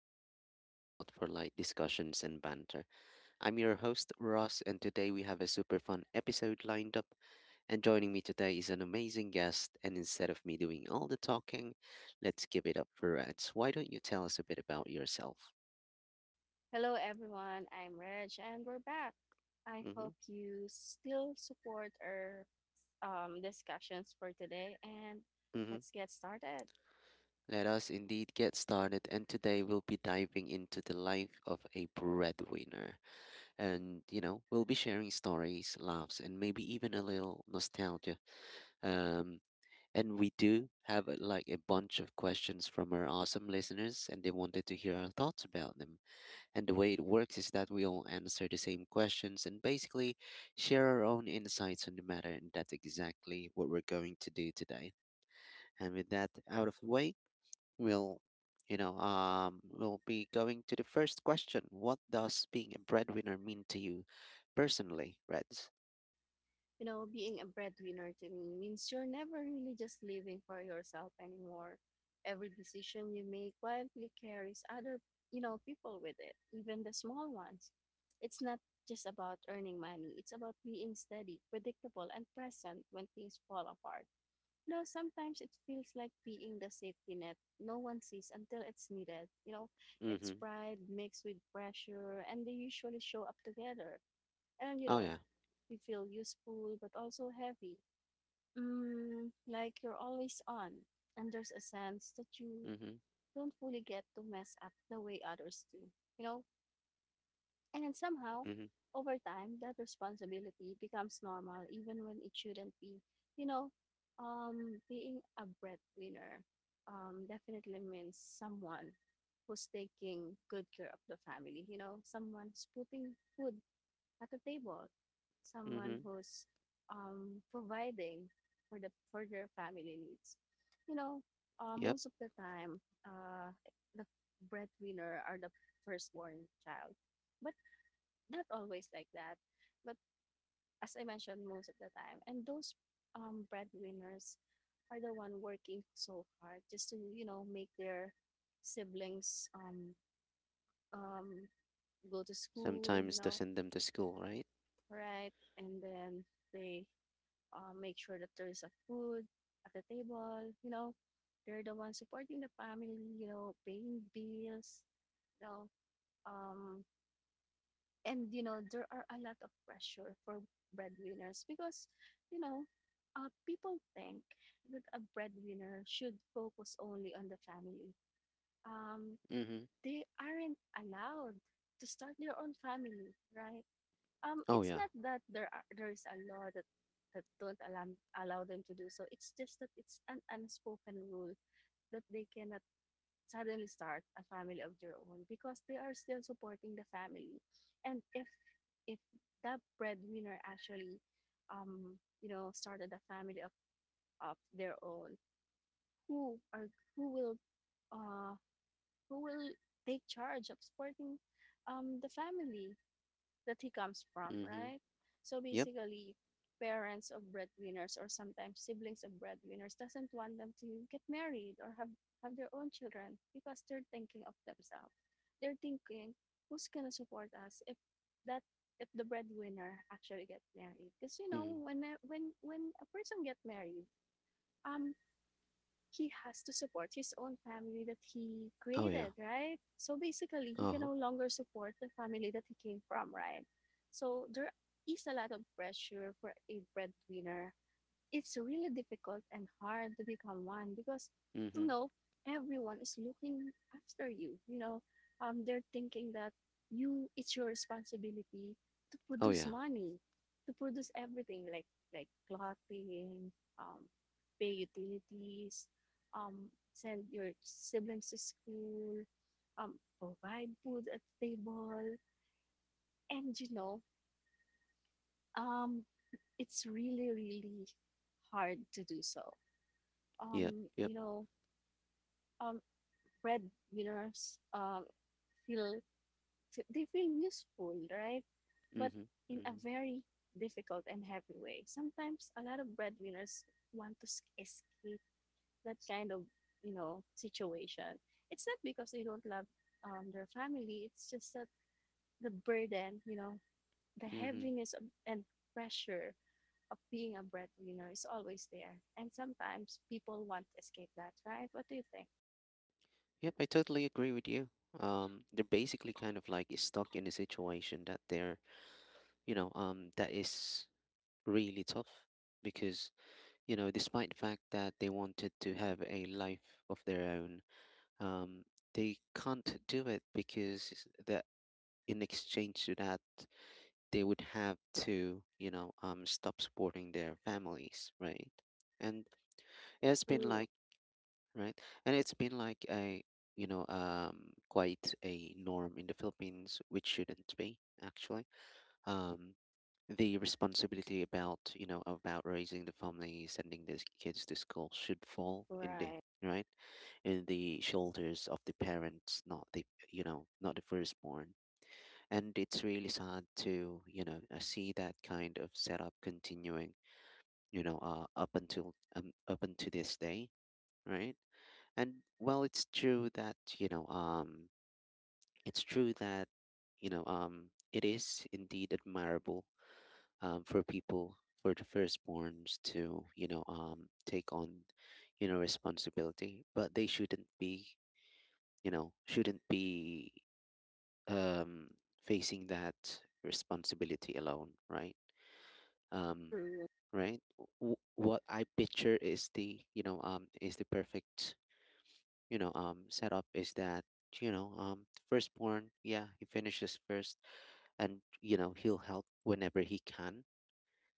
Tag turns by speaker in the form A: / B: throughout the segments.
A: Podcast, your spot for light discussions and banter. I'm your host, Ross, and today we have a super fun episode lined up. And joining me today is an amazing guest. And instead of me doing all the talking, let's give it up for Reds. Why don't you tell us a bit about yourself?
B: Hello, everyone. I'm Reg, and we're back. I
A: Mm-hmm,
B: hope you still support our discussions for today, and
A: mm-hmm.
B: let's get started.
A: Let us indeed get started. And today we'll be diving into the life of a breadwinner. And, we'll be sharing stories, laughs, and maybe even a little nostalgia Um, and we do have like a bunch of questions from our awesome listeners, and they wanted to hear our thoughts about them. And the way it works is that we all answer the same questions and basically share our own insights on the matter, and that's exactly what we're going to do today. And with that out of the way, We'll, we'll be going to the first question. What does being a breadwinner mean to you personally, Reds?
B: You know, being a breadwinner to me means you're never really just living for yourself anymore. Every decision you make quietly carries other, you know, people with it, even the small ones. It's not just about earning money, it's about being steady, predictable, and present when things fall apart. No, sometimes it feels like being the safety net no one sees until it's needed. You know, it's
A: Mm-hmm.
B: pride mixed with pressure, and they usually show up together. And, you
A: Oh
B: know,
A: yeah.
B: you feel useful but also heavy. Mm, like you're always on, and there's a sense that you
A: Mm-hmm.
B: don't fully get to mess up the way others do. You know, and somehow,
A: Mm-hmm.
B: over time, that responsibility becomes normal, even when it shouldn't be. You know, being a breadwinner definitely means someone who's taking good care of the family. You know, someone who's putting food at the table, someone
A: Mm-hmm.
B: who's providing for their family needs. You know,
A: Yep.
B: most of the time, uh, the breadwinner are the firstborn child. But not always like that, but as I mentioned, most of the time. And those breadwinners are the one working so hard just to, you know, make their siblings um, go to school, you
A: Sometimes to
B: know,
A: send them to school, right?
B: right? And then they make sure that there is a food at the table, you know. They're the ones supporting the family, you know, paying bills, you know, um, and you know there are a lot of pressure for breadwinners because you know people think that a breadwinner should focus only on the family, um,
A: Mm-hmm.
B: they aren't allowed to start their own family, right?
A: Oh
B: It's
A: yeah.
B: not that there is a law that that don't allow them to do so, it's just that it's an unspoken rule that they cannot suddenly start a family of their own because they are still supporting the family. And if that breadwinner actually, you know, started a family of their own, who are who will uh who will take charge of supporting the family that he comes from,
A: Mm-hmm.
B: right? So
A: Yep.
B: basically, parents of breadwinners or sometimes siblings of breadwinners doesn't want them to get married or have their own children because they're thinking of themselves. They're thinking, who's gonna support us if that if the breadwinner actually get married? Because you know,
A: Mm-hmm.
B: when when a person get married, um, he has to support his own family that he
A: Oh yeah.
B: created, right? So basically, he can
A: Uh-huh.
B: no longer support the family that he came from, right? So there is a lot of pressure for a breadwinner, it's really difficult and hard to become one because, you
A: Mm-hmm.
B: know, everyone is looking after you, you know, they're thinking that you, it's your responsibility to
A: Oh
B: produce
A: yeah.
B: money, to produce everything like clothing, um pay utilities, um send your siblings to school, provide food at the table. And you know, um it's really really hard to do so.
A: Yep. Yep.
B: You know, um, breadwinners feel they feel useful, right? But
A: Mm-hmm.
B: in a
A: Mm-hmm.
B: very difficult and heavy way. Sometimes a lot of breadwinners want to escape that kind of, you know, situation. It's not because they don't love their family. It's just that the burden, you know, the
A: Mm-hmm.
B: heaviness of, and pressure of being a breadwinner is always there. And sometimes people want to escape that, right? What do you think?
A: Yep, I totally agree with you. They're basically kind of like stuck in a situation that is really tough because, despite the fact that they wanted to have a life of their own, um, they can't do it because that in exchange to that, they would have to, stop supporting their families, right? And it's been
B: True.
A: like right? And it's been like a, quite a norm in the Philippines, which shouldn't be actually. Um, the responsibility about, about raising the family, sending these kids to school should fall
B: Right,
A: right? In the shoulders of the parents, not the you know not the firstborn. And it's really sad to, see that kind of setup continuing, up until this day, right? And well, it's true that, it is indeed admirable, for the firstborns to, take on, responsibility, but they shouldn't be um, facing that responsibility alone, right? Um,
B: true,
A: right? What I picture is the perfect, setup is that, firstborn, yeah, he finishes first, and he'll help whenever he can,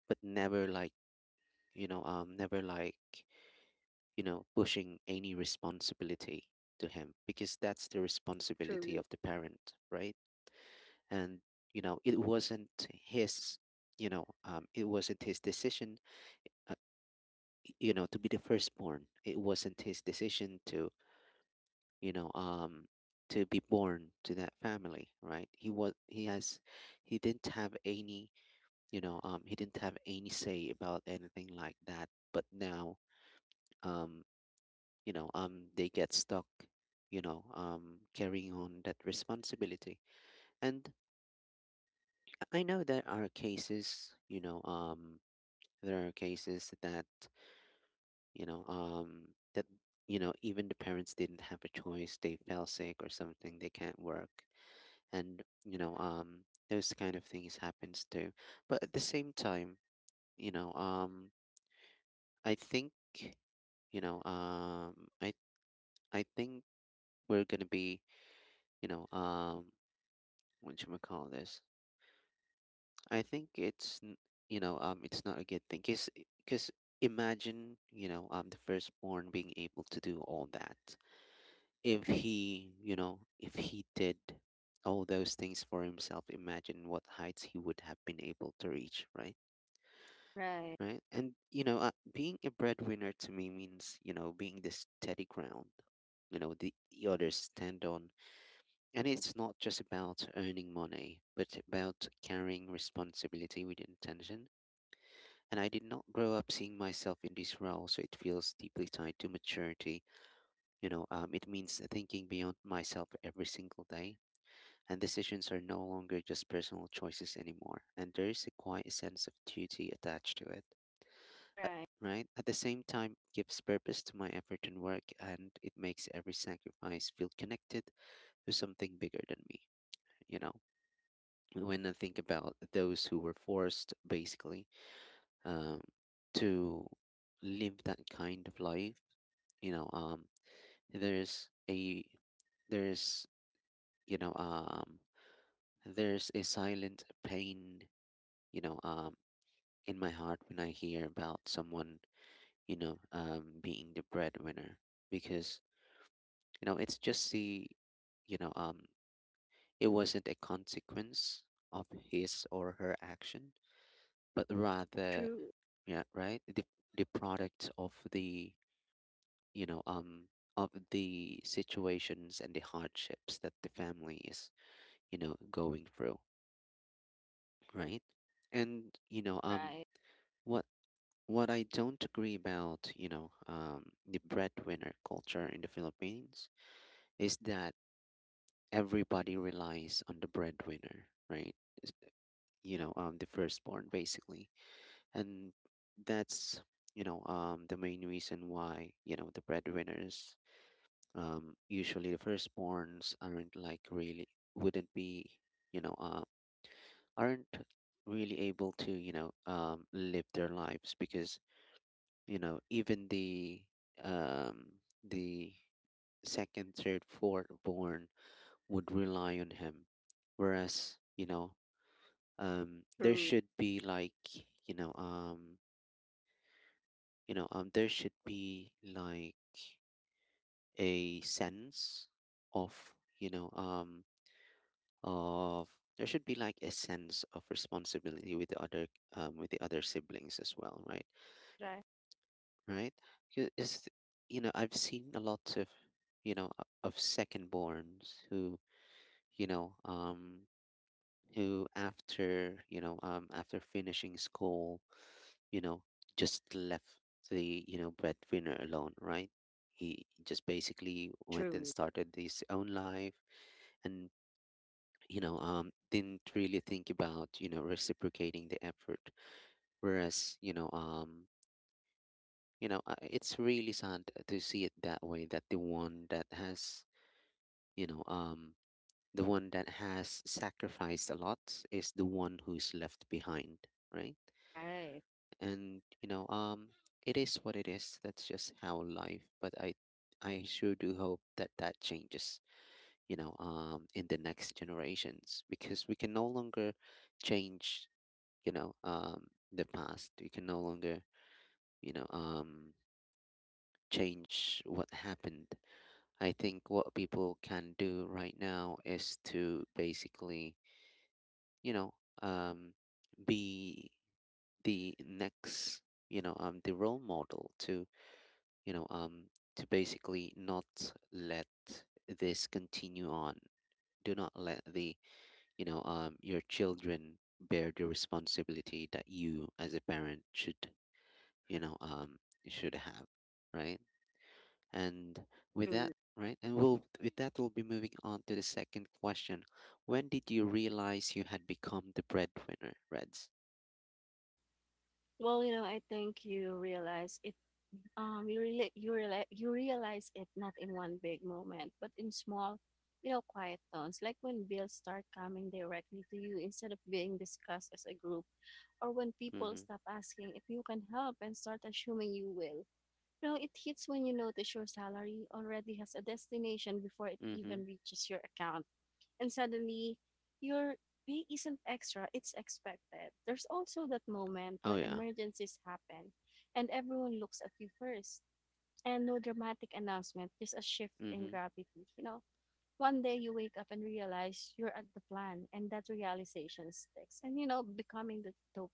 A: but never like you know never like you know pushing any responsibility to him because that's the responsibility
B: true,
A: of the parent, right? And it wasn't his you know it wasn't his decision, uh, to be the firstborn. It wasn't his decision to, you know um to be born to that family, right? he was he has he didn't have any you know he didn't have any say about anything like that, but now, um they get stuck, carrying on that responsibility. And I know there are cases that you know even the parents didn't have a choice, they fell sick or something, they can't work. And, those kind of things happens too. But at the same time, you know um I think, you know I think, we're gonna be you know what should we call this. I think it's n- you know it's not a good thing, because, because imagine, the firstborn being able to do all that, if he did all those things for himself, imagine what heights he would have been able to reach, right?
B: right,
A: Right? And, being a breadwinner to me means, being the steady ground, the others stand on, and it's not just about earning money, but about carrying responsibility with intention. And I did not grow up seeing myself in this role, so it feels deeply tied to maturity. It means thinking beyond myself every single day, and decisions are no longer just personal choices anymore. And there is a quiet sense of duty attached to it. Uh,
B: right,
A: Right? At the same time, it gives purpose to my effort and work, and it makes every sacrifice feel connected to something bigger than me. You know, when I think about those who were forced, basically, um, to live that kind of life, you know, um, there's a there's you know um there's a silent pain, you know um in my heart, when I hear about someone, being the breadwinner, because, it's just you know, um, it wasn't a consequence of his or her action, but rather,
B: true,
A: yeah, right, the product of you know, um, the situations and the hardships that the family is, going through, right? And,
B: right,
A: what what I don't agree about, the breadwinner culture in the Philippines is that everybody relies on the breadwinner, right? The firstborn, basically, and that's, the main reason why, the breadwinners, usually the firstborns, wouldn't be you know uh, aren't really able to, live their lives, because, even the second, third, fourth born would rely on him, whereas, there
B: true,
A: should be like you know um there should be like a sense of there should be like a sense of responsibility with the other siblings as well, right?
B: right,
A: Right? Y- is you know I've seen a lot of, of second borns who, you know um who after, after finishing school, you know just left the, breadwinner alone, right? He just basically went and
B: true,
A: started his own life, and, didn't really think about, reciprocating the effort, whereas, it's really sad to see it that way, that the one that has you know the one that has sacrificed a lot is the one who's left behind, right?
B: right,
A: And, it is what it is, that's just how life, but I sure do hope that that changes, in the next generations, because we can no longer change, you know um the past. We can no longer, you know um change what happened. I think what people can do right now is to basically, you know um be the next the role model you know, um, to basically not let this continue on. Do not let your children bear the responsibility that you as a parent you know, um, should have, right? And with that,
B: true.
A: right, and we'll with that we'll be moving on to the second question. When did you realize you had become the breadwinner, Reds?
B: Well, you know, I think you realize it. You really, you realize it not in one big moment, but in small, you know, quiet tones, like when bills start coming directly to you instead of being discussed as a group, or when people
A: Mm-hmm.
B: stop asking if you can help and start assuming you will. No, it hits when you notice your salary already has a destination before it
A: Mm-hmm.
B: even reaches your account. And suddenly, your pay isn't extra, it's expected. There's also that moment
A: Oh
B: when
A: yeah.
B: emergencies happen and everyone looks at you first. And no dramatic announcement, just a shift in
A: Mm-hmm.
B: gravity. You know, one day you wake up and realize you're at the plan, and that realization sticks. And, you know, becoming the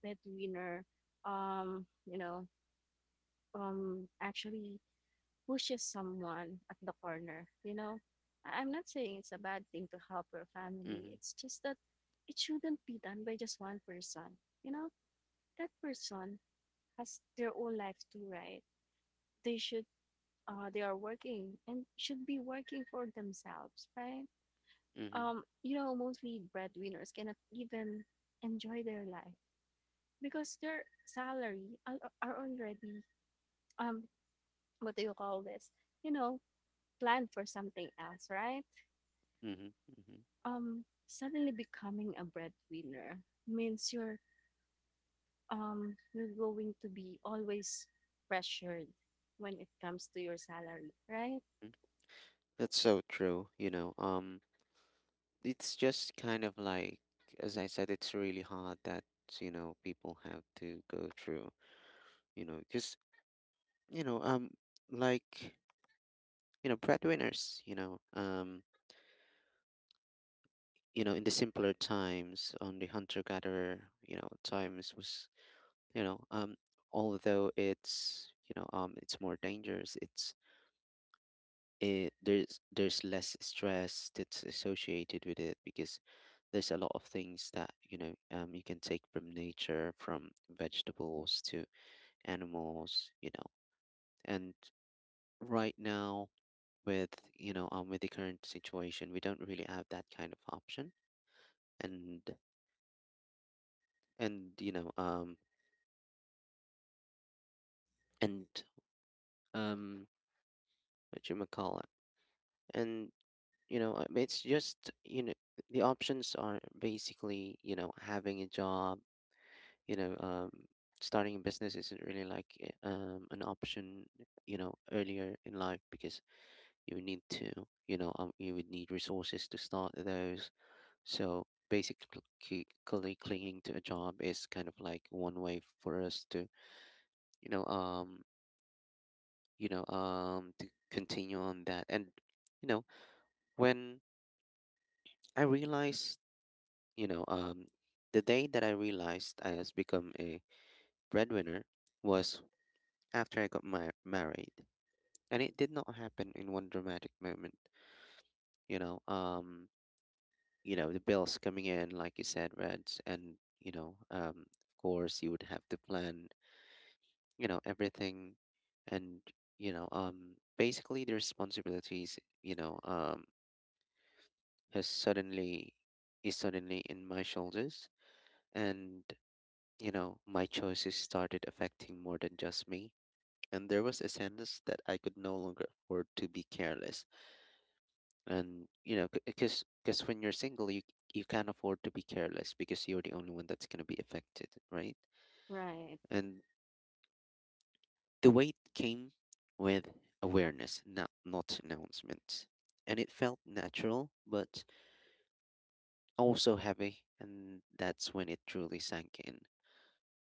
B: breadwinner, um, you know, actually pushes someone at the corner, you know? I'm not saying it's a bad thing to help your family.
A: Mm-hmm.
B: It's just that it shouldn't be done by just one person. You know, that person has their own life too, right? They should they are working and should be working for themselves, right?
A: Mm-hmm.
B: You know, mostly breadwinners cannot even enjoy their life because their salary are already, um what do you call this? You know, planned for something else, right?
A: Mm-hmm. Mm-hmm.
B: Suddenly becoming a breadwinner means you're, you're going to be always pressured when it comes to your salary, right?
A: That's so true. It's just kind of like, as I said, it's really hard that, people have to go through, because, you know, um, like, breadwinners, in the simpler times, on the hunter-gatherer, times was, you know, although it's more dangerous, it's it, there's less stress that's associated with it, because there's a lot of things that, you can take from nature, from vegetables to animals, and right now, with, with the current situation, we don't really have that kind of option. And, and you know um and um what you call it, and, it's just, the options are basically, having a job, you know um, starting a business isn't really like, an option, earlier in life, because you would need to you would need resources to start those. So basically, clinging to a job is kind of like one way for us you know um to continue on that. And, you know when I realized you know the day that I realized I has become a breadwinner was after I got married, and it did not happen in one dramatic moment. you know um the bills coming in, like you said, Reds, and, of course you would have to plan, everything. And, basically the responsibilities, you know has suddenly is suddenly in my shoulders, and My choices started affecting more than just me, and there was a sense that I could no longer afford to be careless. And because when you're single, you can't afford to be careless because you're the only one that's going to be affected, right?
B: Right,
A: And the weight came with awareness, not announcements, and it felt natural but also heavy, and that's when it truly sank in.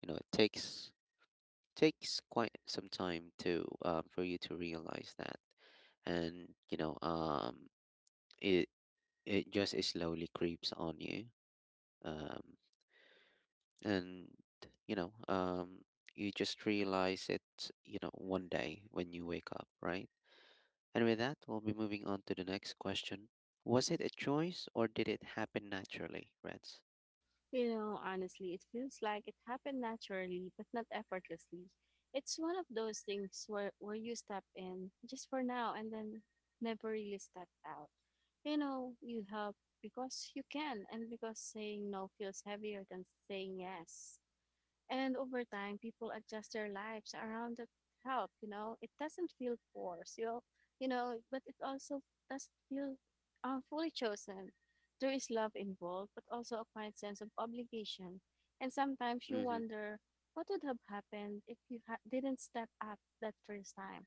A: You know, it takes quite some time to, for you to realize that. And it just slowly creeps on you. um and you know um you just realize it, you know, one day when you wake up, right? And with that, we'll be moving on to the next question. Was it a choice or did it happen naturally, Reds?
B: you know, honestly it feels like it happened naturally but not effortlessly. It's one of those things where you step in just for now and then never really step out. You know, you help because you can and because saying no feels heavier than saying yes. And over time, people adjust their lives around that help. You know, it doesn't feel forced. You know, but it also doesn't feel fully chosen. There is love involved, but also a quiet sense of obligation. And sometimes you
A: Mm-hmm.
B: wonder what would have happened if you didn't step up that first time.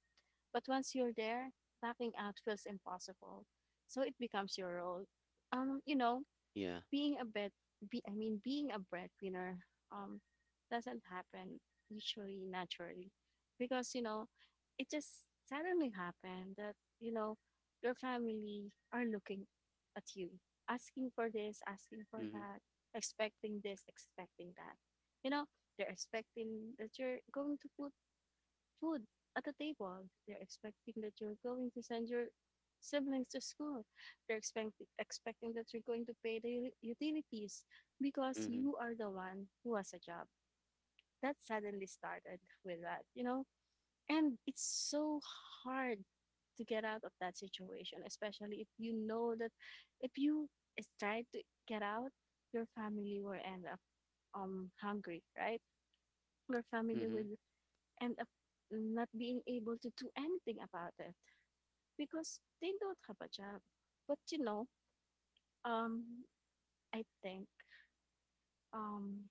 B: But once you're there, backing out feels impossible. So it becomes your role. You know,
A: Yeah.
B: being a bit be, I mean being a breadwinner um doesn't happen usually naturally because, you know, it just suddenly happened that, you know, your family are looking at you, asking for this, asking for
A: Mm-hmm.
B: that, expecting this, expecting that. You know, they're expecting that you're going to put food at the table. They're expecting that you're going to send your siblings to school. They're expecting that you're going to pay the utilities because
A: Mm-hmm.
B: you are the one who has a job. That suddenly started with that, you know? And it's so hard to get out of that situation, especially if you know that if you is try to get out, your family will end up hungry, right? Your family
A: Mm-hmm.
B: will, and not being able to do anything about it because they don't have a job. But you know, um, I think, um,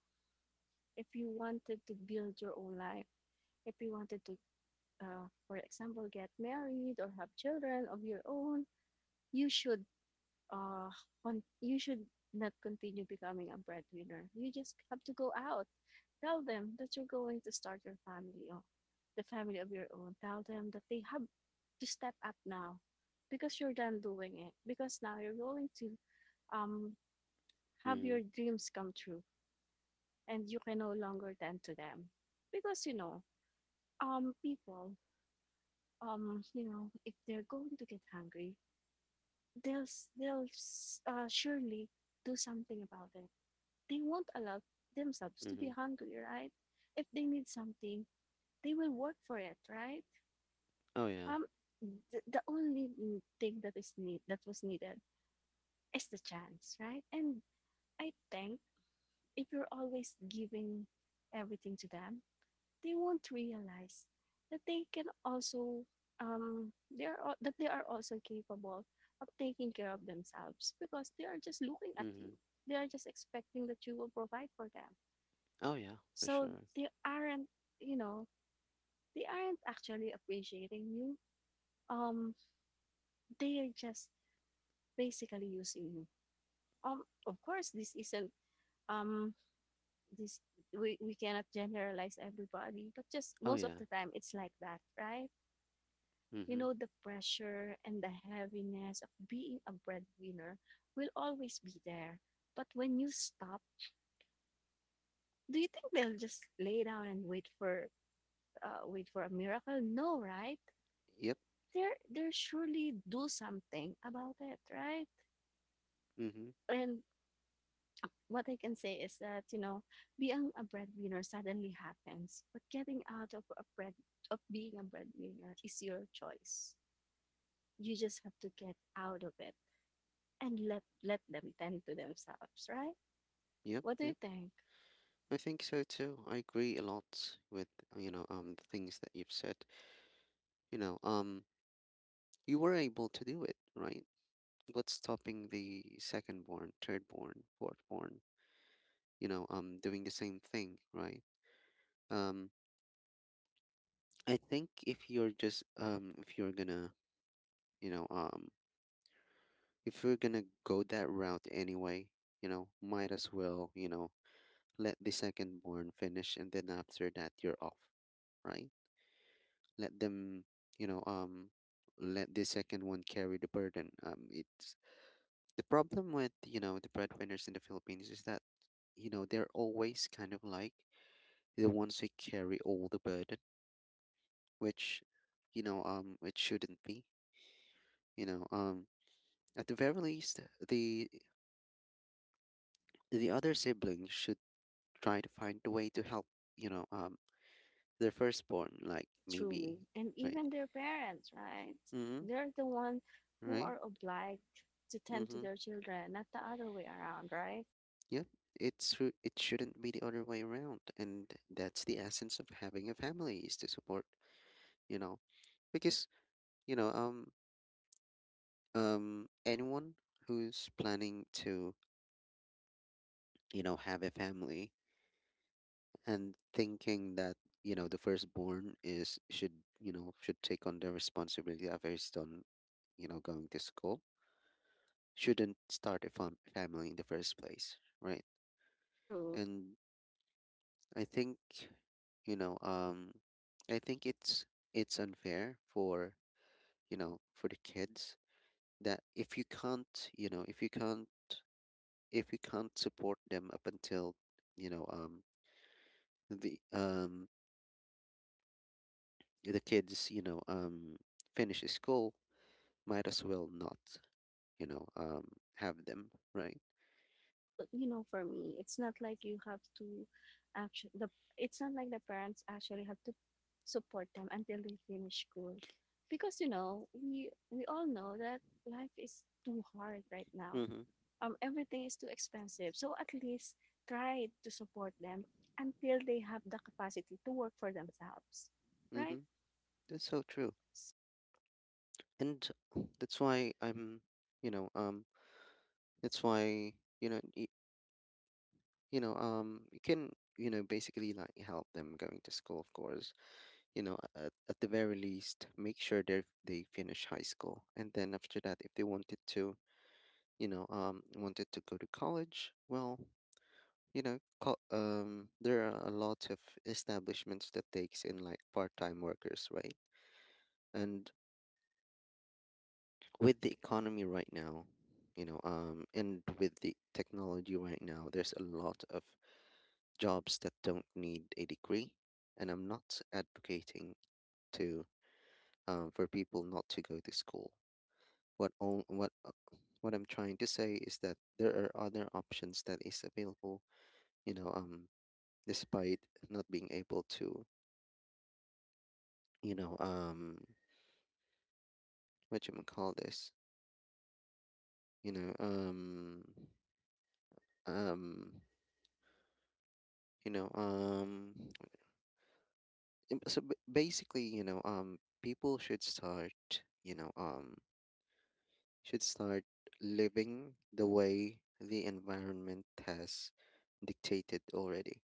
B: if you wanted to build your own life, if you wanted to, for example, get married or have children of your own, you should uh, con- you should not continue becoming a breadwinner. You just have to go out. Tell them that you're going to start your family off, the family of your own. Tell them that they have to step up now because you're done doing it. Because now you're going to, um, have your
A: Mm-hmm.
B: dreams come true and you can no longer tend to them. Because, you know, people, you know, if they're going to get hungry, they'll, they'll surely do something about it. They won't allow themselves to be
A: Mm-hmm.
B: hungry, right? If they need something, they will work for it, right?
A: Oh yeah.
B: Um, the only thing that is need that was needed is the chance, right? And I think if you're always giving everything to them, they won't realize that they can also um they are also capable of taking care of themselves because they are just looking at you.
A: Mm-hmm.
B: They are just expecting that you will provide for them.
A: Oh yeah, for
B: So
A: sure.
B: they aren't, you know, they aren't actually appreciating you. Um they are just basically using you. Of course, this isn't um this we cannot generalize everybody, but just
A: Oh
B: most of
A: yeah.
B: the time it's like that, right? You
A: Mm-hmm.
B: know, the pressure and the heaviness of being a breadwinner will always be there. But when you stop, do you think they'll just lay down and wait for, wait for a miracle? No, right?
A: Yep.
B: They're surely do something about it, right?
A: Mm-hmm.
B: And what I can say is that, you know, being a breadwinner suddenly happens, but getting out of a bread of being a breadwinner is your choice. You just have to get out of it and let them tend to themselves, right?
A: Yep.
B: What do you
A: Yep.
B: think?
A: I think so too. I agree a lot with, you know, the things that you've said. You know, you were able to do it, right? What's stopping the second born, third born, fourth born, you know, doing the same thing, right? Um, I think if you're just, if you're gonna, you know, if you're gonna go that route anyway, you know, might as well, you know, let the second born finish, and then after that, you're off, right? Let them, you know, let the second one carry the burden. It's the problem with, you know, the breadwinners in the Philippines is that, you know, they're always kind of like the ones who carry all the burden, which, you know, it shouldn't be. You know, at the very least, the other siblings should try to find a way to help. You know, their firstborn, like
B: True.
A: maybe,
B: And
A: right?
B: even their parents, right?
A: Mm-hmm.
B: They're the ones who
A: Right.
B: are obliged to tend to
A: Mm-hmm.
B: their children, not the other way around, right?
A: Yep. It's true. It shouldn't be the other way around, and that's the essence of having a family is to support. You know, because, you know, anyone who's planning to, you know, have a family and thinking that, you know, the firstborn is should, you know, should take on the responsibility after he's done, you know, going to school, shouldn't start a family in the first place, right?
B: True.
A: And I think, you know, I think it's unfair for, you know, for the kids, that if you can't, you know, if you can't, if you can't support them up until, you know, the um the kids, you know, finish school, might as well not, you know, have them, right?
B: Well, for me it's not like you have to actually the it's not like the parents actually have to support them until they finish school because we all know that life is too hard right now.
A: Mm-hmm.
B: Everything is too expensive, so at least try to support them until they have the capacity to work for themselves, right?
A: Mm-hmm. That's so true,
B: S-
A: and that's why I'm, you know, that's why, you know, you know, you can, you know, basically like help them going to school, of course. You know, at the very least, make sure they finish high school, and then after that, if they wanted to, you know, wanted to go to college, well, you know, there are a lot of establishments that takes in like part-time workers, right? And with the economy right now, you know, and with the technology right now, there's a lot of jobs that don't need a degree. And I'm not advocating to for people not to go to school. What on, what what I'm trying to say is that there are other options that is available. You know, despite not being able to, you know, what you call this, you know, um you know, basically, you know, people should start, you know, should start living the way the environment has dictated already,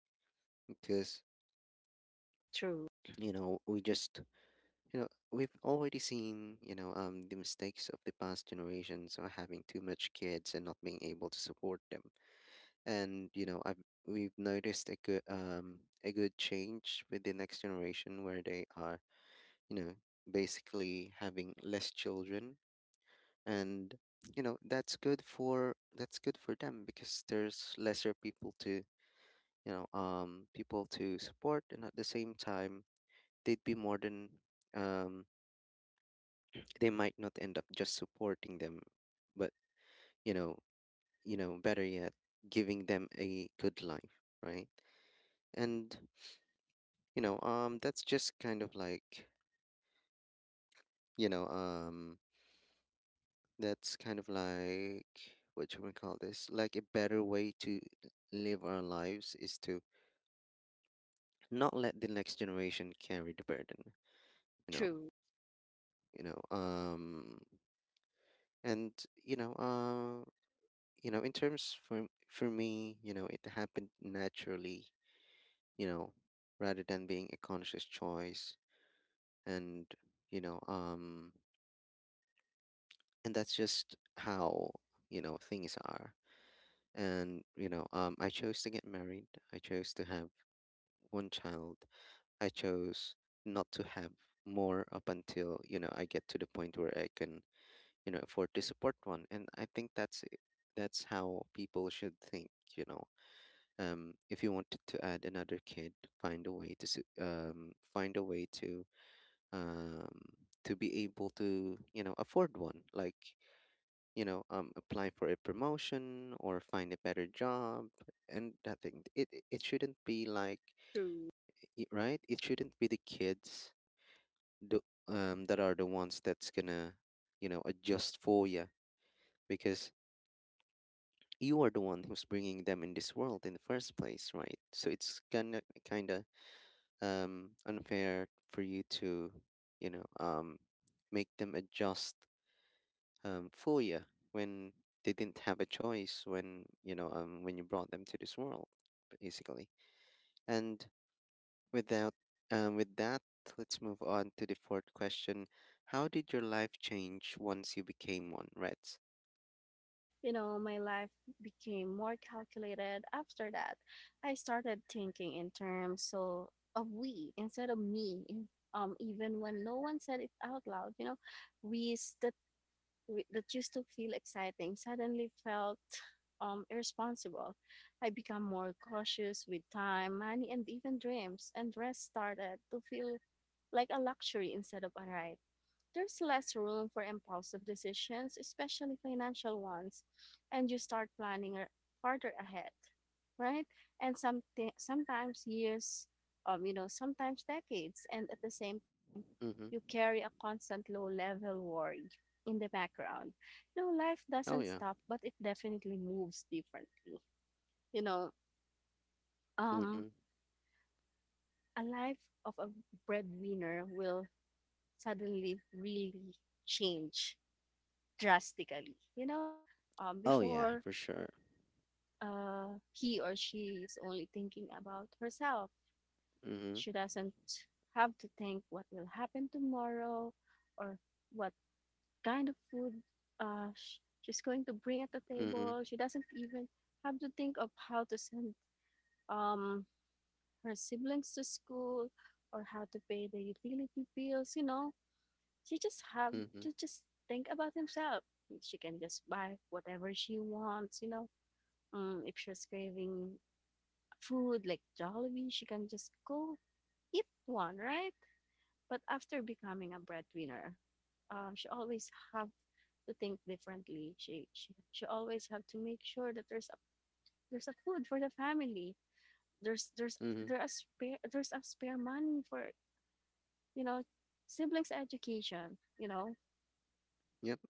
A: because,
B: True,
A: you know, we just, you know, we've already seen, you know, the mistakes of the past generations are having too much kids and not being able to support them. And you know I've we've noticed a good, a good change with the next generation where they are, you know, basically having less children. And you know that's good for them, because there's lesser people to, you know, people to support, and at the same time, they'd be more than, um they might not end up just supporting them, but, you know, better yet, giving them a good life, right? And, you know, that's just kind of like, you know, that's kind of like what you we call this, like, a better way to live our lives is to not let the next generation carry the burden, you know.
B: true,
A: You know, and you know, you know, in terms for me, you know, it happened naturally, you know, rather than being a conscious choice. And, you know, and that's just how, you know, things are. And you know, I chose to get married, I chose to have one child, I chose not to have more up until, you know, I get to the point where I can, you know, afford to support one. And I think that's how people should think. You know, if you wanted to add another kid, find a way to find a way to, um, to be able to, you know, afford one, like, you know, apply for a promotion or find a better job. And that thing, it shouldn't be like,
B: true.
A: right, it shouldn't be the kids, the, that are the ones that's gonna, you know, adjust for you, because you are the one who's bringing them in this world in the first place, right? So it's kind of unfair for you to, you know, make them adjust, for you when they didn't have a choice, when, you know, when you brought them to this world, basically. And without, with that, let's move on to the fourth question: how did your life change once you became one, Reds?
B: You know, my life became more calculated after that. I started thinking in terms of we instead of me. Even when no one said it out loud, we that that used to feel exciting suddenly felt irresponsible. I became more cautious with time, money, and even dreams, and rest started to feel like a luxury instead of a right. There's less room for impulsive decisions, especially financial ones, and you start planning farther ahead, right? And sometimes years, sometimes decades, and at the same time,
A: Mm-hmm.
B: you carry a constant low-level worry in the background. You know, life
A: Oh
B: doesn't
A: yeah.
B: stop, but it definitely moves differently. You know, um,
A: Mm-hmm.
B: a life of a breadwinner will suddenly really change drastically. You know,
A: Oh yeah,
B: before
A: for sure.
B: he or she is only thinking about herself.
A: Mm-hmm.
B: She doesn't have to think what will happen tomorrow, or what kind of food she's going to bring at the
A: Mm-hmm.
B: table. She doesn't even have to think of how to send um, her siblings to school, or how to pay the utility bills. You know, she just have
A: Mm-hmm.
B: to just think about himself. She can just buy whatever she wants. You know, if she's craving food like Jollibee, she can just go eat one, right? But after becoming a breadwinner, she always have to think differently. She always have to make sure that there's a food for the family. There's there's
A: Mm-hmm.
B: there's a spare there's a spare money for you know siblings education. You know.
A: Yep.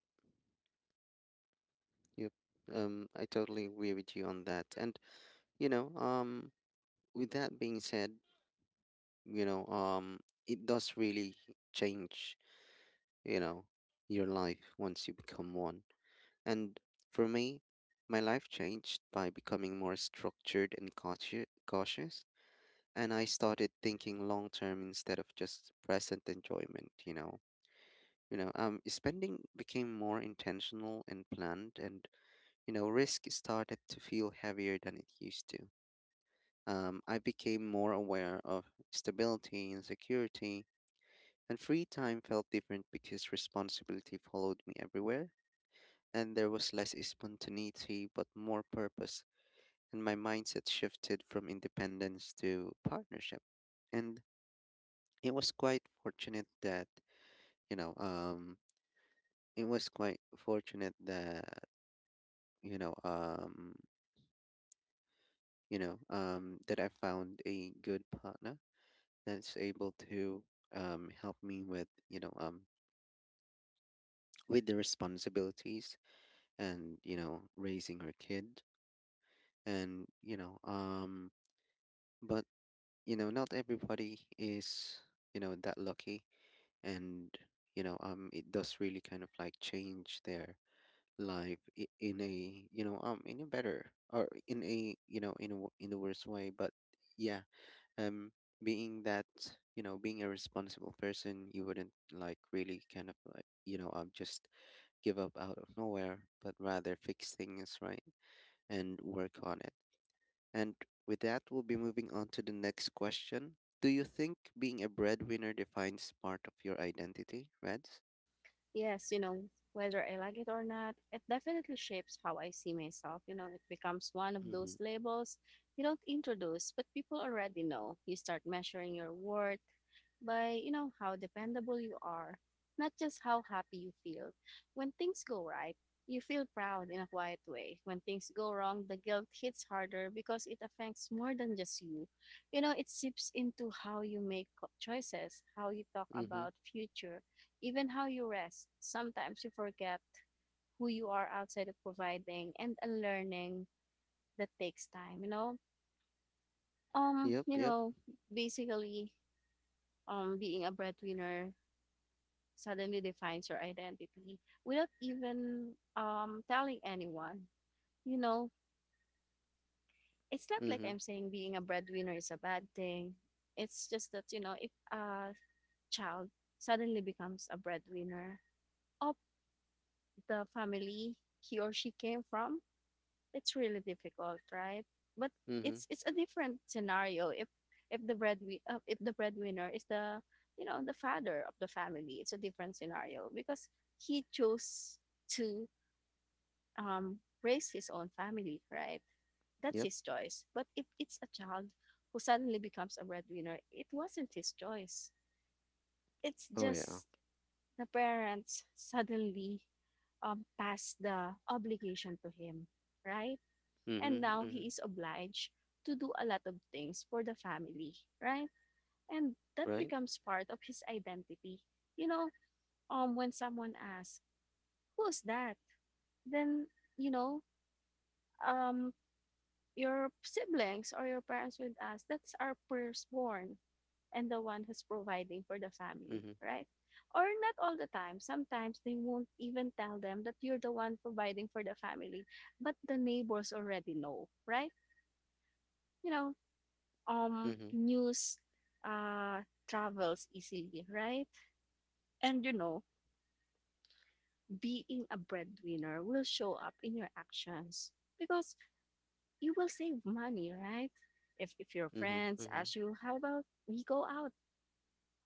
A: Yep. I totally agree with you on that. And you know, with that being said, you know, it does really change, you know, your life once you become one. And for me, my life changed by becoming more structured and cautious, and I started thinking long term instead of just present enjoyment. You know, spending became more intentional and planned, and you know risk started to feel heavier than it used to. I became more aware of stability and security. And free time felt different because responsibility followed me everywhere, and there was less spontaneity but more purpose. And my mindset shifted from independence to partnership. And it was quite fortunate that, you know, it was quite fortunate that, you know, um, you know, that I found a good partner that's able to, help me with, you know, with the responsibilities and, you know, raising her kid. And you know, but you know not everybody is, you know, that lucky. And, you know, it does really kind of like change their life, in a, you know, in a better or in a, you know, in a in the worst way, but yeah. um being that, you know, being a responsible person, you wouldn't like really kind of like, you know, just give up out of nowhere but rather fix things, right, and work on it. And with that, we'll be moving on to the next question. Do you think being a breadwinner defines part of your identity, Reds?
B: Yes, whether I like it or not, it definitely shapes how I see myself. You know, it becomes one of those
A: Mm-hmm.
B: labels you don't introduce, but people already know. You start measuring your worth by, how dependable you are, not just how happy you feel. When things go right, you feel proud in a quiet way. When things go wrong, the guilt hits harder because it affects more than just you. You know, it seeps into how you make choices, how you talk
A: Mm-hmm.
B: about future, even how you rest. Sometimes you forget who you are outside of providing, and a learning that takes time, you know?
A: Yep.
B: You
A: Yep.
B: know, basically, being a breadwinner suddenly defines your identity without even telling anyone. You know, it's not like
A: Mm-hmm.
B: I'm saying being a breadwinner is a bad thing. It's just that, if a child suddenly becomes a breadwinner of the family he or she came from, it's really difficult, right? But
A: Mm-hmm.
B: it's a different scenario if if the breadwinner is the the father of the family. It's a different scenario because he chose to raise his own family, right? That's
A: Yep.
B: his choice. But if it's a child who suddenly becomes a breadwinner, it wasn't his choice. It's
A: Oh yeah.
B: just the parents suddenly pass the obligation to him, right? And
A: Mm-hmm.
B: now he
A: Mm-hmm.
B: is obliged to do a lot of things for the family, right? And that
A: Right.
B: becomes part of his identity. You know, when someone asks, "Who's that?" then, you know, um, your siblings or your parents would ask, "That's our firstborn and the one who's providing for the family,"
A: Mm-hmm.
B: right? Or not all the time. Sometimes they won't even tell them that you're the one providing for the family, but the neighbors already know, right? You know,
A: Mm-hmm.
B: news uh travels easily, right? And being a breadwinner will show up in your actions because you will save money, right? If your
A: Mm-hmm.
B: friends
A: Mm-hmm.
B: ask you, how about we go out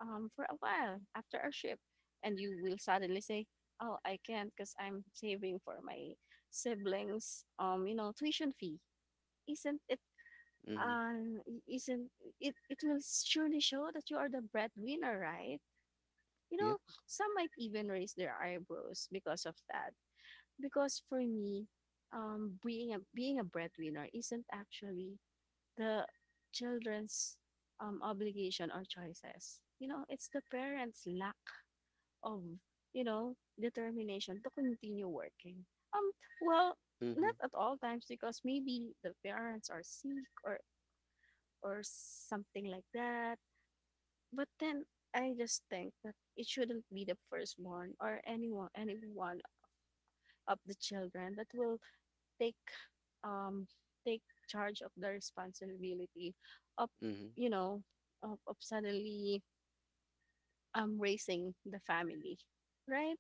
B: for a while after our shift, and you will suddenly say, "Oh, I can't because I'm saving for my siblings tuition fee." Isn't it?
A: Mm-hmm.
B: Um, isn't it? It will surely show that you are the breadwinner, right? You know,
A: Yep.
B: some might even raise their eyebrows because of that. Because for me, being a breadwinner isn't actually the children's obligation or choices. You know, it's the parents' lack of determination to continue working. Um, well, not
A: Mm-hmm.
B: at all times, because maybe the parents are sick or something like that, but then I just think that it shouldn't be the firstborn, or anyone, any one of the children that will take, um, take charge of the responsibility of,
A: Mm-hmm.
B: you know, of suddenly raising the family, right?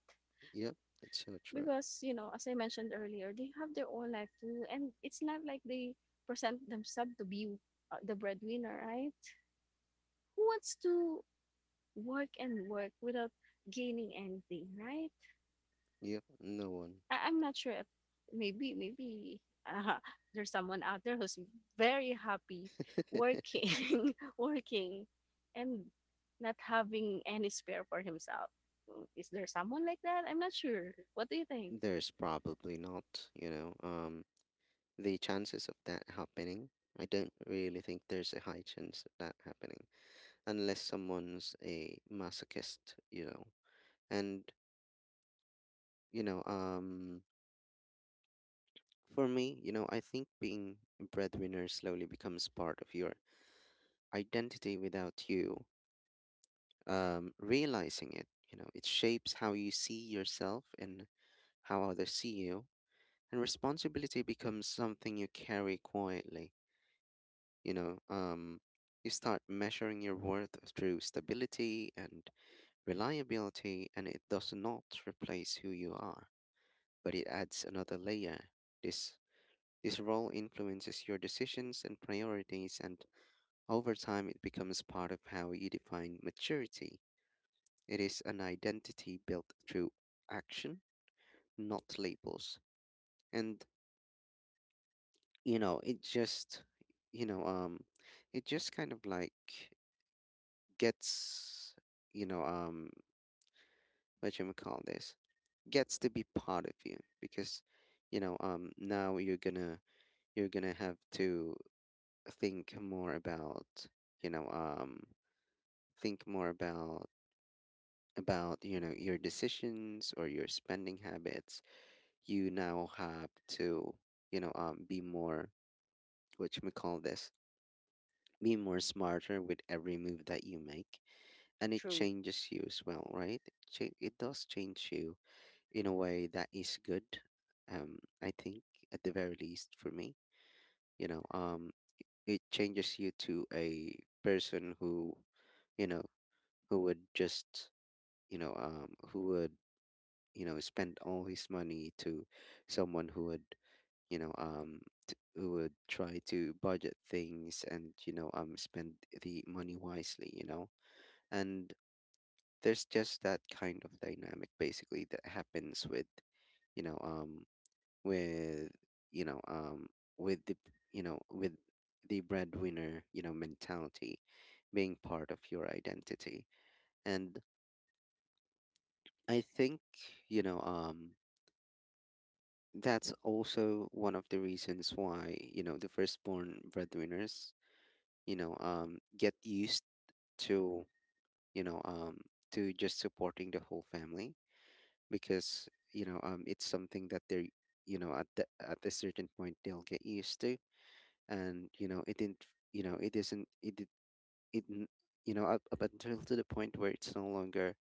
A: Yep. It's so true.
B: Because you know, as I mentioned earlier, they have their own life too, and it's not like they present themselves to be the breadwinner, right? Who wants to work and work without gaining anything, right?
A: Yep. No one.
B: I'm not sure if maybe uh, there's someone out there who's very happy working working and not having any spare for himself. Is there someone like that? I'm not sure. What do you think?
A: There's probably not. You know. The chances of that happening, I don't really think there's a high chance of that happening, unless someone's a masochist, you know. And, you know, for me, you know, I think being a breadwinner slowly becomes part of your identity without you, realizing it. You know, it shapes how you see yourself and how others see you. And responsibility becomes something you carry quietly. You know, you start measuring your worth through stability and reliability, and it does not replace who you are, but it adds another layer. This this role influences your decisions and priorities, and over time it becomes part of how you define maturity. It is an identity built through action, not labels. And you know, it just, you know, it just kind of like gets, you know, what you call this? Gets to be part of you because now you're gonna have to think more about you know um think more about about your decisions or your spending habits. You now have to be more, which we call this be more smarter with every move that you make. And it
B: True.
A: changes you as well, right? It does change you in a way that is good. I think at the very least for me, you know um it changes you to a person who you know who would just who would spend all his money, to someone who would you know um who would try to budget things and spend the money wisely, and there's just that kind of dynamic, basically, that happens with you know um with you know um with the, with the breadwinner, you know, mentality being part of your identity. And I think, you know, um, that's also one of the reasons why, you know, the firstborn breadwinners, get used to, you know, um, to just supporting the whole family, because, it's something that they're, you know, at at a certain point they'll get used to, and you know, it didn't, you know, it isn't, it, did- it, n- up until to the point where it's no longer,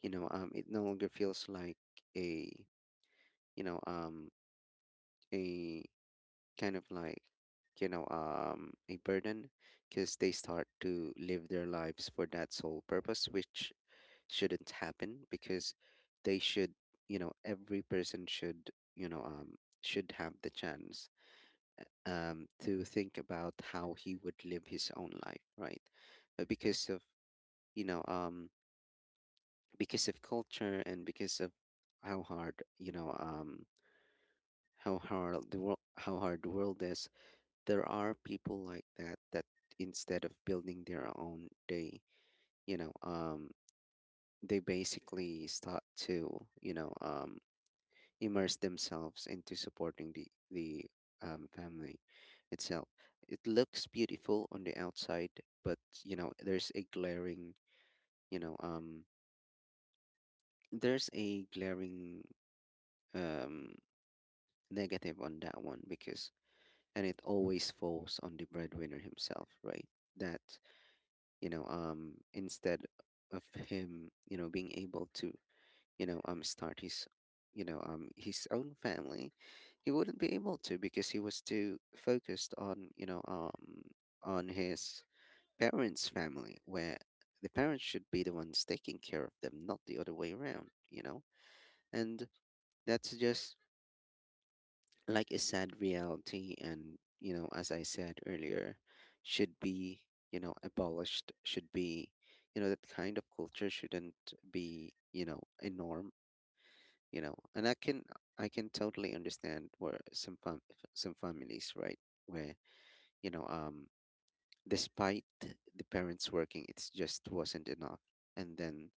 A: it no longer feels like a, you know, um, a, kind of like, a burden, because they start to live their lives for that sole purpose, which shouldn't happen because they should, every person should, you know um should have the chance to think about how he would live his own life, right? But because of you know um because of culture and because of how hard, how hard the world is, there are people like that that, instead of building their own, they you know um they basically start to immerse themselves into supporting the family itself. It looks beautiful on the outside, but you know there's a glaring, you know um there's a glaring um negative on that one because, and it always falls on the breadwinner himself, right? That, instead of him, you know, being able to, start his, his own family, he wouldn't be able to because he was too focused on, on his parents' family, where the parents should be the ones taking care of them, not the other way around, you know. And that's just like a sad reality, and you know, as I said earlier, should be, abolished. Should be, that kind of culture shouldn't be, a norm, you know. And I can, I can totally understand where some some families, right? Where you know um despite the parents working, it just wasn't enough, and then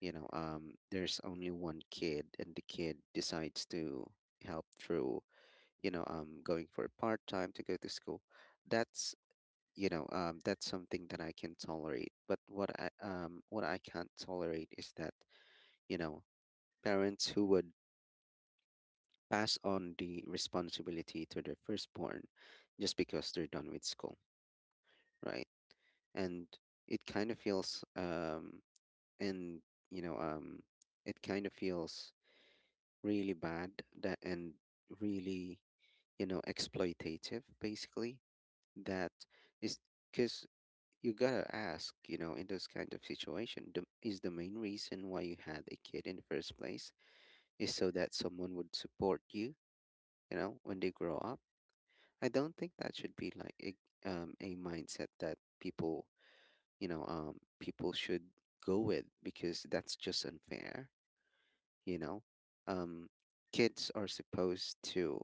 A: there's only one kid, and the kid decides to help through going for part time to go to school. That's that's something that I can tolerate, but what I can't tolerate is that, you know, parents who would pass on the responsibility to their firstborn just because they're done with school, right? And it kind of feels and you know um it kind of feels really bad, that and really, you know, exploitative, basically. That is because you gotta ask, you know, in those kind of situation, is the main reason why you had a kid in the first place is so that someone would support you, you know, when they grow up. I don't think that should be like a mindset that people, people should go with, because that's just unfair, you know. Um, Kids are supposed to,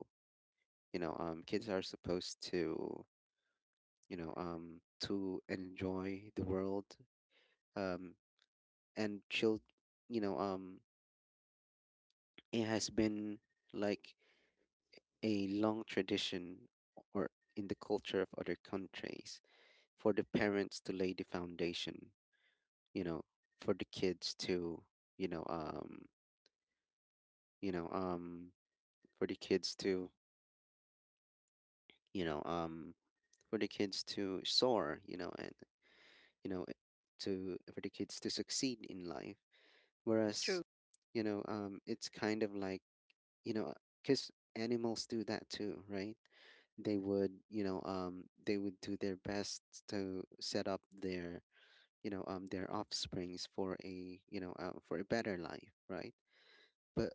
A: you know, um, kids are supposed to, you know, to enjoy the world um, and chill. You know, um, it has been like a long tradition, or in the culture of other countries, for the parents to lay the foundation. You know, for the kids to, you know um you know for the kids to you know for the kids to soar, you know, and you know to for the kids to succeed in life. Whereas,
B: True.
A: it's kind of like, you know because animals do that too, right? They would, they would do their best to set up their, their offsprings for a, for a better life, right? But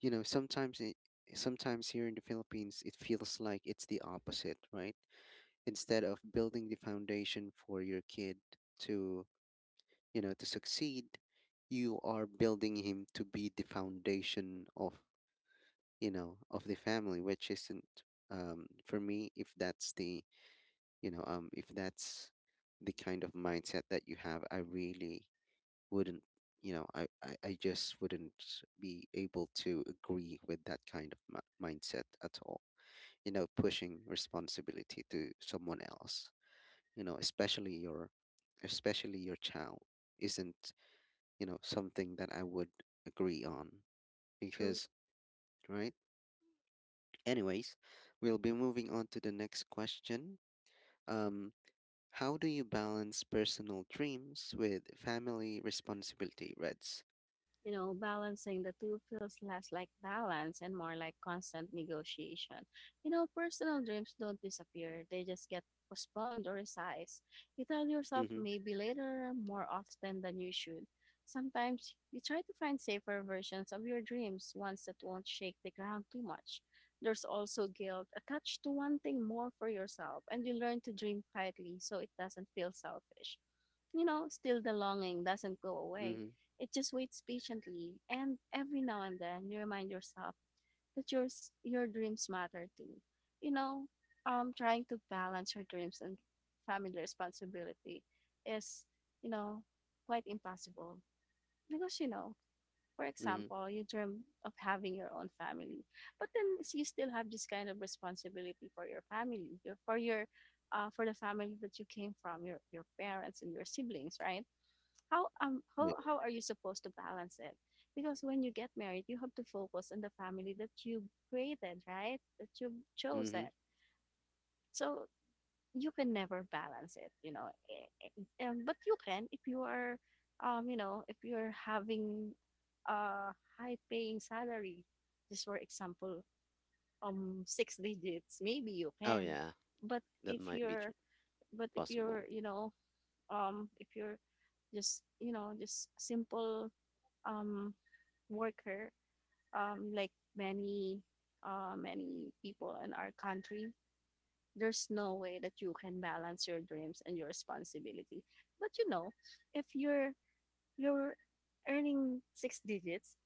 A: you know, sometimes it, sometimes here in the Philippines, it feels like it's the opposite, right? Instead of building the foundation for your kid to, to succeed, you are building him to be the foundation of, of the family, which isn't, um, for me, if that's the, if that's the kind of mindset that you have, I really wouldn't, I just wouldn't be able to agree with that kind of mindset at all. You know, pushing responsibility to someone else, you know, especially your, especially your child, isn't, you know, something that I would agree on, because, right. Anyways, we'll be moving on to the next question. Um, how do you balance personal dreams with family responsibility, Reds?
B: You know, balancing the two feels less like balance and more like constant negotiation. You know, personal dreams don't disappear, they just get postponed or resized. You tell yourself
A: Mm-hmm.
B: maybe later more often than you should. Sometimes you try to find safer versions of your dreams, ones that won't shake the ground too much. There's also guilt attached to wanting more for yourself, and you learn to dream quietly so it doesn't feel selfish. You know, still, the longing doesn't go away.
A: Mm-hmm.
B: It just waits patiently, and every now and then you remind yourself that your dreams matter too. You know, trying to balance your dreams and family responsibility is, you know, quite impossible because for
A: Mm-hmm.
B: example, you dream of having your own family, but then you still have this kind of responsibility for your family, for the family that you came from, your parents and your siblings, right? how um
A: Yeah.
B: how, how are you supposed to balance it, because when you get married, you have to focus on the family that you created, right? That you chose
A: Mm-hmm.
B: it. So you can never balance it. But you can if you are if you're having a high paying salary, just for example, six digits, maybe you
A: Oh
B: can.
A: yeah,
B: But
A: that
B: if
A: might be
B: you're,
A: true.
B: but if you're,
A: Possible.
B: if you're just, just simple um, worker, like many many people in our country, there's no way that you can balance your dreams and your responsibility. But you know, if you're you're earning six digits,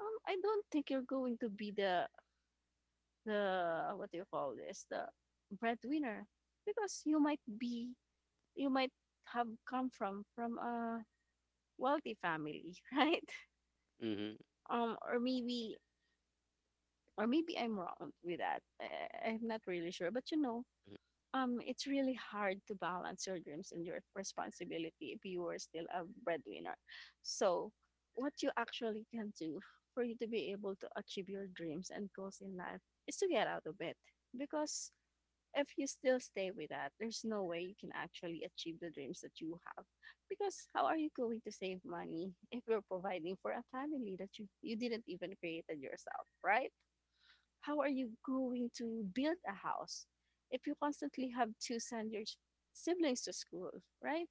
B: I don't think you're going to be the what do you call this, the breadwinner, because you might be, you might have come from a wealthy family, right?
A: Mm-hmm.
B: Or maybe, or maybe I'm wrong with that. I'm not really sure, but you know,
A: Hmm.
B: it's really hard to balance your dreams and your responsibility if you are still a breadwinner. So, what you actually can do for you to be able to achieve your dreams and goals in life is to get out of bed, because if you still stay with that, there's no way you can actually achieve the dreams that you have. Because how are you going to save money if you're providing for a family that you didn't even created yourself, right? How are you going to build a house if you constantly have to send your siblings to school, right?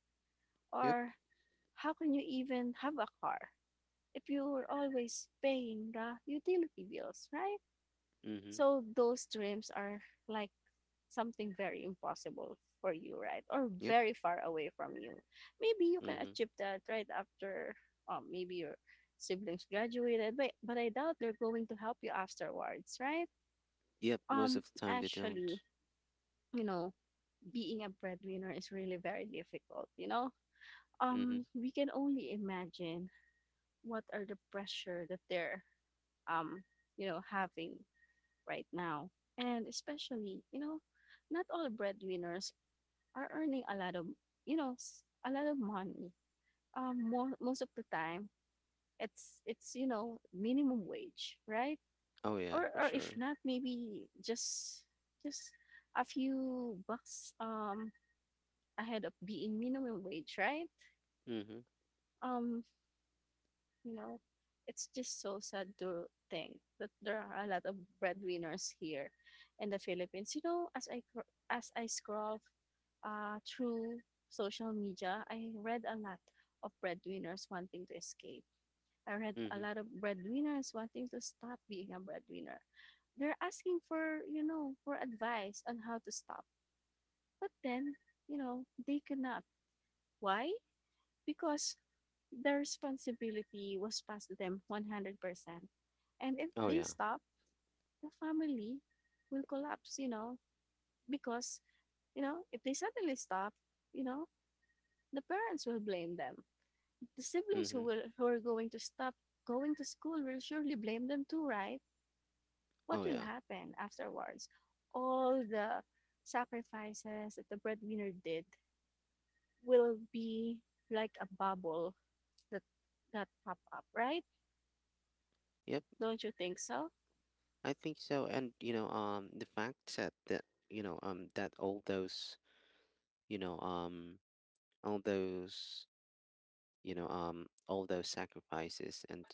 A: Yep.
B: Or how can you even have a car if you're always paying the utility bills, right?
A: Mm-hmm.
B: So those dreams are like something very impossible for you, right? Or
A: Yep.
B: very far away from you. Maybe you can
A: Mm-hmm.
B: achieve that right after, maybe your siblings graduated, but I doubt they're going to help you afterwards, right?
A: Yep. Most of the time they
B: Actually,
A: don't.
B: you know, being a breadwinner is really very difficult, you know?
A: Mm-hmm.
B: We can only imagine what are the pressure that they're um, having right now. And especially, not all breadwinners are earning a lot of, a lot of money. Mo Most of the time, it's, minimum wage, right?
A: Oh yeah,
B: Or
A: for
B: or if
A: sure.
B: not, maybe just a few bucks ahead of being minimum wage, right?
A: Mm-hmm.
B: Um, you know, it's just so sad to think that there are a lot of breadwinners here in the Philippines. You know, as I scroll through social media, I read a lot of breadwinners wanting to escape. I read a
A: Mm-hmm.
B: lot of breadwinners wanting to stop being a breadwinner. They're asking for, for advice on how to stop. But then, they cannot. Why? Because the responsibility was passed to them 100%. And if
A: Oh
B: they
A: yeah.
B: stop, the family will collapse, you know, because, you know, if they suddenly stop, you know, the parents will blame them. The siblings who
A: Mm-hmm.
B: will who are going to stop going to school will surely blame them too, right? What
A: Oh
B: will
A: yeah.
B: happen afterwards? All the sacrifices that the breadwinner did will be like a bubble that that pop up, right?
A: Yep.
B: Don't you think so?
A: I think so, and you know, the fact that that all those you know, all those you know, all those sacrifices and,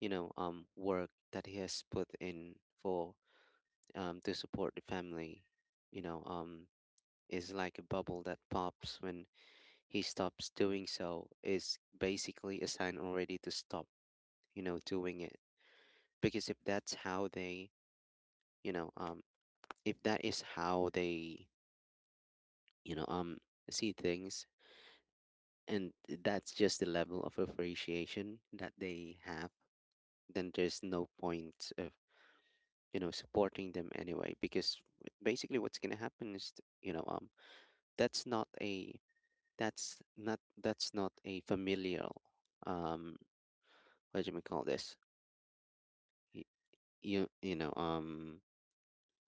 A: work that he has put in for, to support the family, you know, um, is like a bubble that pops when he stops doing so, is basically a sign already to stop, you know, doing it. Because if that's how they, you know, um, if that is how they, you know um see things, and that's just the level of appreciation that they have, then there's no point of, you know, supporting them anyway, because basically what's going to happen is, that's not a, that's not a familial um what do we call this, Y- you know, um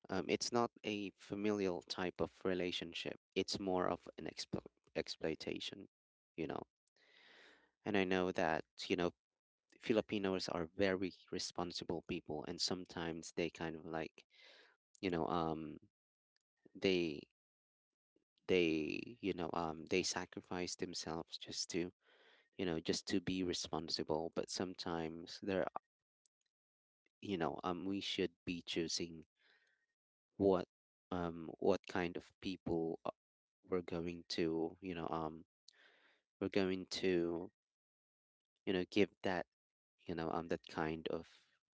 A: um it's not a familial type of relationship, it's more of an exploitation, you know. And I know that, you know, Filipinos are very responsible people, and sometimes they kind of like, you know um they, you know, they sacrifice themselves just to, you know, just to be responsible. But sometimes there you know, um, we should be choosing what, what kind of people, we're going to, we're going to, you know, give that, that kind of,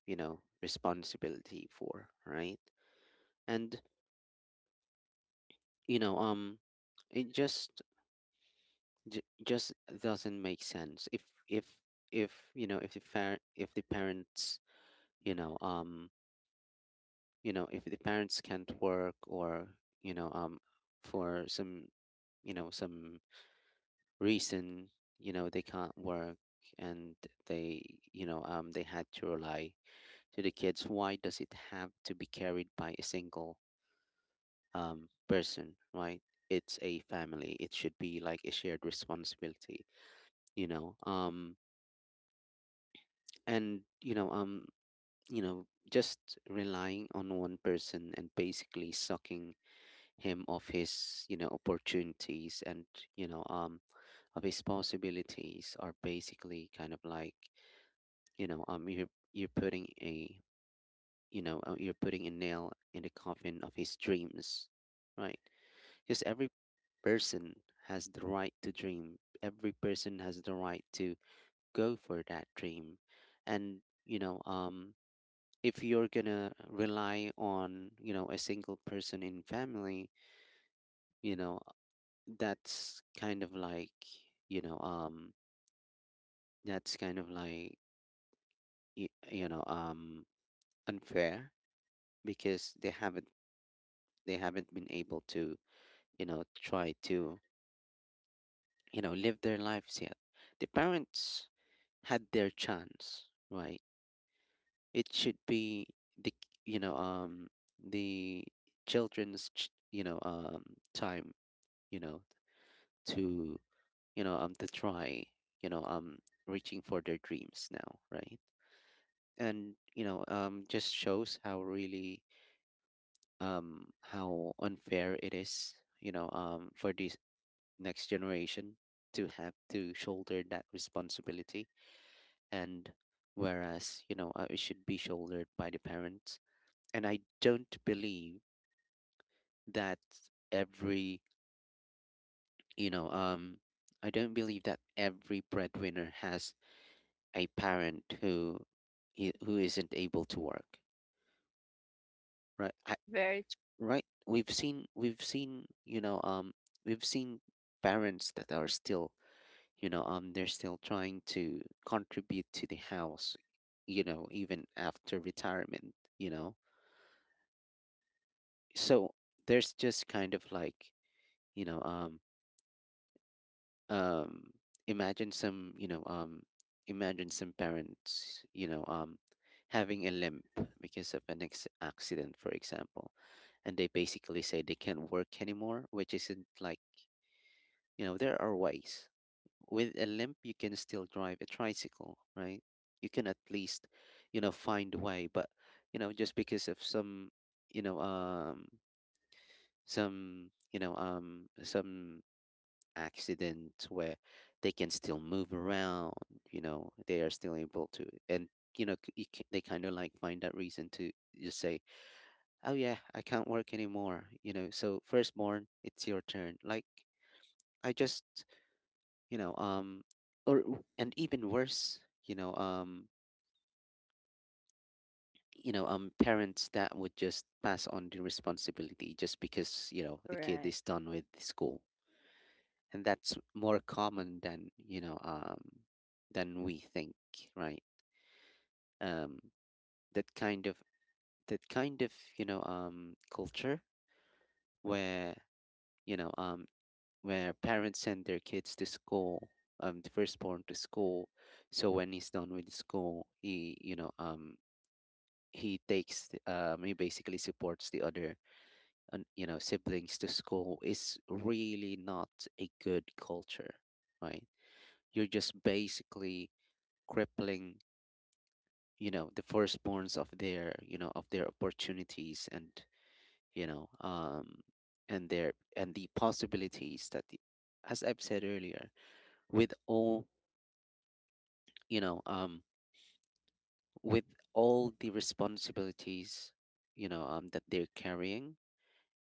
A: you know, responsibility for, right? And, you know um it just just doesn't make sense if, if you know, if the, if the parents, you know um you know, if the parents can't work, or, for some, you know, some reason, you know, they can't work, and they, they had to rely to the kids, why does it have to be carried by a single, um, person, right? It's a family, it should be like a shared responsibility, you know. And you know, just relying on one person and basically sucking him of his, you know, opportunities and, you know um of his possibilities, are basically kind of like, you're putting a, you're putting a nail in the coffin of his dreams, right? Because every person has the right to dream, every person has the right to go for that dream. And, if you're gonna rely on, you know, a single person in family, you know, that's kind of like, you know um that's kind of like, y- you know um unfair, because they haven't, they haven't been able to, you know, try to, you know, live their lives yet. The parents had their chance, right? It should be the, you know um the children's time, you know, to, to try, you know um reaching for their dreams now, right? And, just shows how really how unfair it is, you know, um, for this next generation to have to shoulder that responsibility. And whereas, it should be shouldered by the parents. And I don't believe that every, you know um I don't believe that every breadwinner has a parent who, who isn't able to work, right? I,
B: Very.
A: right, we've seen, we've seen parents that are still, they're still trying to contribute to the house, you know, even After retirement. So there's just kind of like, you know um um imagine some, imagine some parents, having a limp because of an accident, for example. And they basically say they can't work anymore, which isn't like, there are ways. With a limp you can still drive a tricycle, right? You can at least, find a way. But, just because of some, you know um some accident where they can still move around, they are still able to. And, they kind of like find that reason to just say, oh yeah, I can't work anymore, so firstborn, it's your turn, like, I just. you know um or and even worse, parents that would just pass on the responsibility just because, the kid
B: Right.
A: is done with school. And that's more common than, than we think, right? Um, that kind of that kind of, culture where, you know um, where parents send their kids to school, the firstborn to school, so when he's done with school, he basically supports the other and, siblings to school, is really not a good culture, right? You're just basically crippling, the firstborns of their, of their opportunities, and, you know um and their and the possibilities that the, as I've said earlier, with all, you know um with all the responsibilities, that they're carrying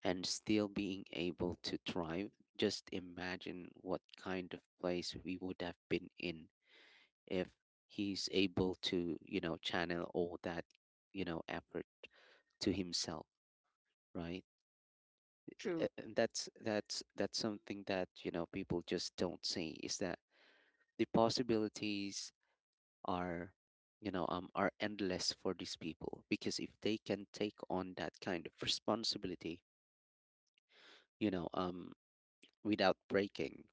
A: and still being able to thrive. Just imagine what kind of place we would have been in if he's able to, channel all that, effort, to himself, right?
B: True.
A: And that's something that, people just don't see, is that the possibilities are, are endless for these people, because if they can take on that kind of responsibility, you know um without breaking,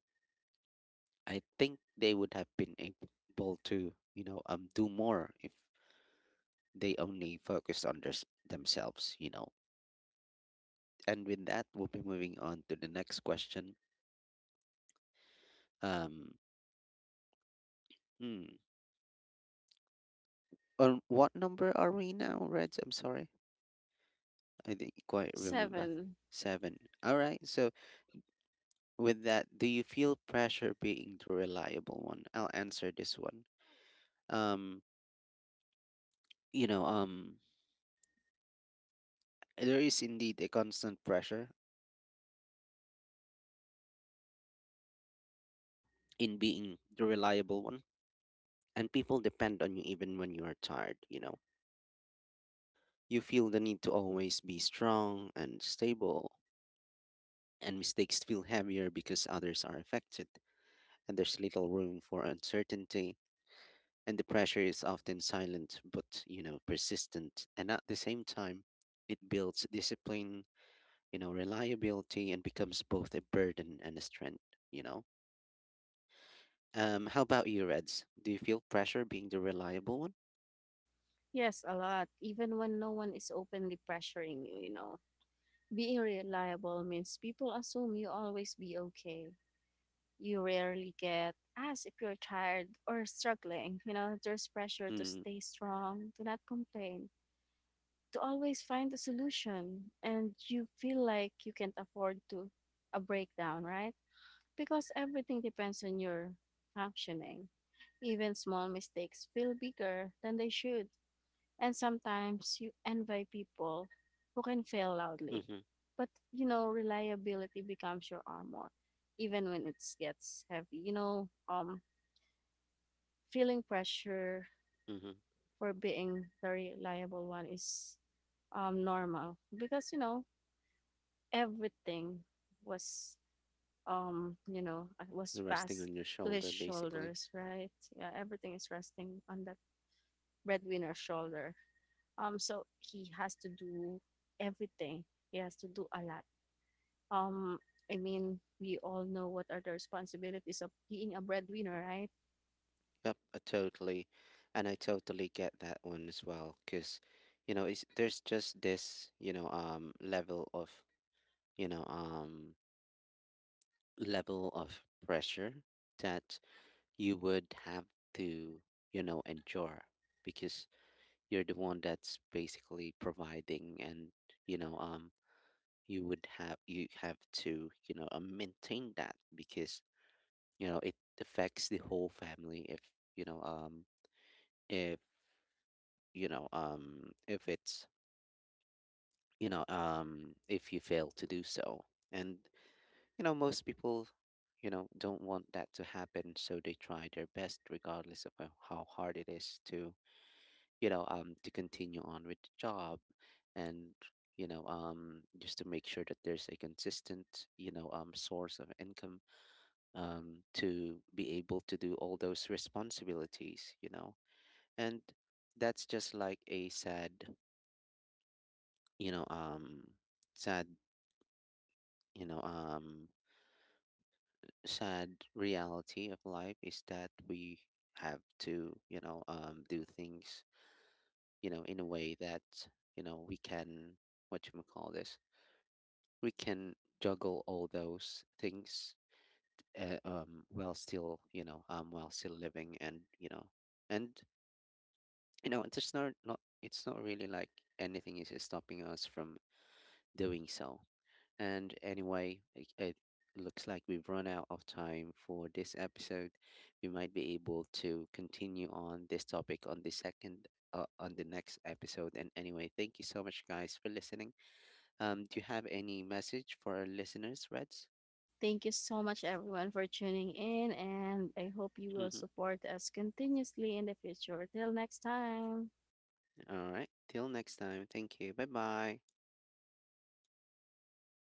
A: I think they would have been able to, do more if they only focused on this themselves. And with that, we'll be moving on to the next question. um hmm, On what number are we now, Reds? I'm sorry. I didn't quite remember.
B: Seven.
A: Seven. All right. So, with that, do you feel pressure being the reliable one? I'll answer this one. Um, you know, um, there is indeed a constant pressure in being the reliable one, and people depend on you even when you are tired, you know. You feel the need to always be strong and stable, and mistakes feel heavier because others are affected, and there's little room for uncertainty, and the pressure is often silent but, persistent, and at the same time it builds discipline, reliability, and becomes both a burden and a strength you know how about you, Reds? Do you feel pressure being the reliable one?
B: Yes, a lot. Even when no one is openly pressuring you, you know. Being reliable means people assume you always be okay. You rarely get asked if you're tired or struggling. You know, there's pressure to
A: Mm-hmm.
B: stay strong, to not complain, to always find a solution. And you feel like you can't afford to a breakdown, right? Because everything depends on your functioning. Even small mistakes feel bigger than they should. And sometimes you envy people who can fail loudly.
A: Mm-hmm.
B: But you know, reliability becomes your armor, even when it gets heavy. You know, feeling pressure
A: Mm-hmm.
B: for being the reliable one is normal, because you know everything was you know was
A: Resting
B: passed
A: on your
B: to his
A: shoulder, basically.
B: shoulders, right? Yeah, everything is resting on that breadwinner's shoulder. So he has to do everything. He has to do a lot. Um, I mean, we all know what are the responsibilities of being a breadwinner, right?
A: Yep. I totally get that one as well, because, there's just this, you know um level of pressure that you would have to, endure, because you're the one that's basically providing. And, you know um you have to, maintain that, because, it affects the whole family if, you know if you know if it's you know if you fail to do so. And, most people, don't want that to happen, so they try their best regardless of how hard it is to, to continue on with the job, and, just to make sure that there's a consistent, source of income, to be able to do all those responsibilities. And that's just like a sad, you know um sad you know um sad reality of life, is that we have to, do things, in a way that, we can, what you call this, we can juggle all those things, while still living. And, and it's not really like anything is stopping us from doing so. And anyway, it looks like we've run out of time for this episode. We might be able to continue on this topic on the second. On the next episode. And anyway, thank you so much guys for listening. Do you have any message for our listeners, Reds?
B: Thank you so much, everyone, for tuning in, and I hope you will
A: All
B: support us continuously in the future. Till next time.
A: right. Till next time. Thank you. Bye bye.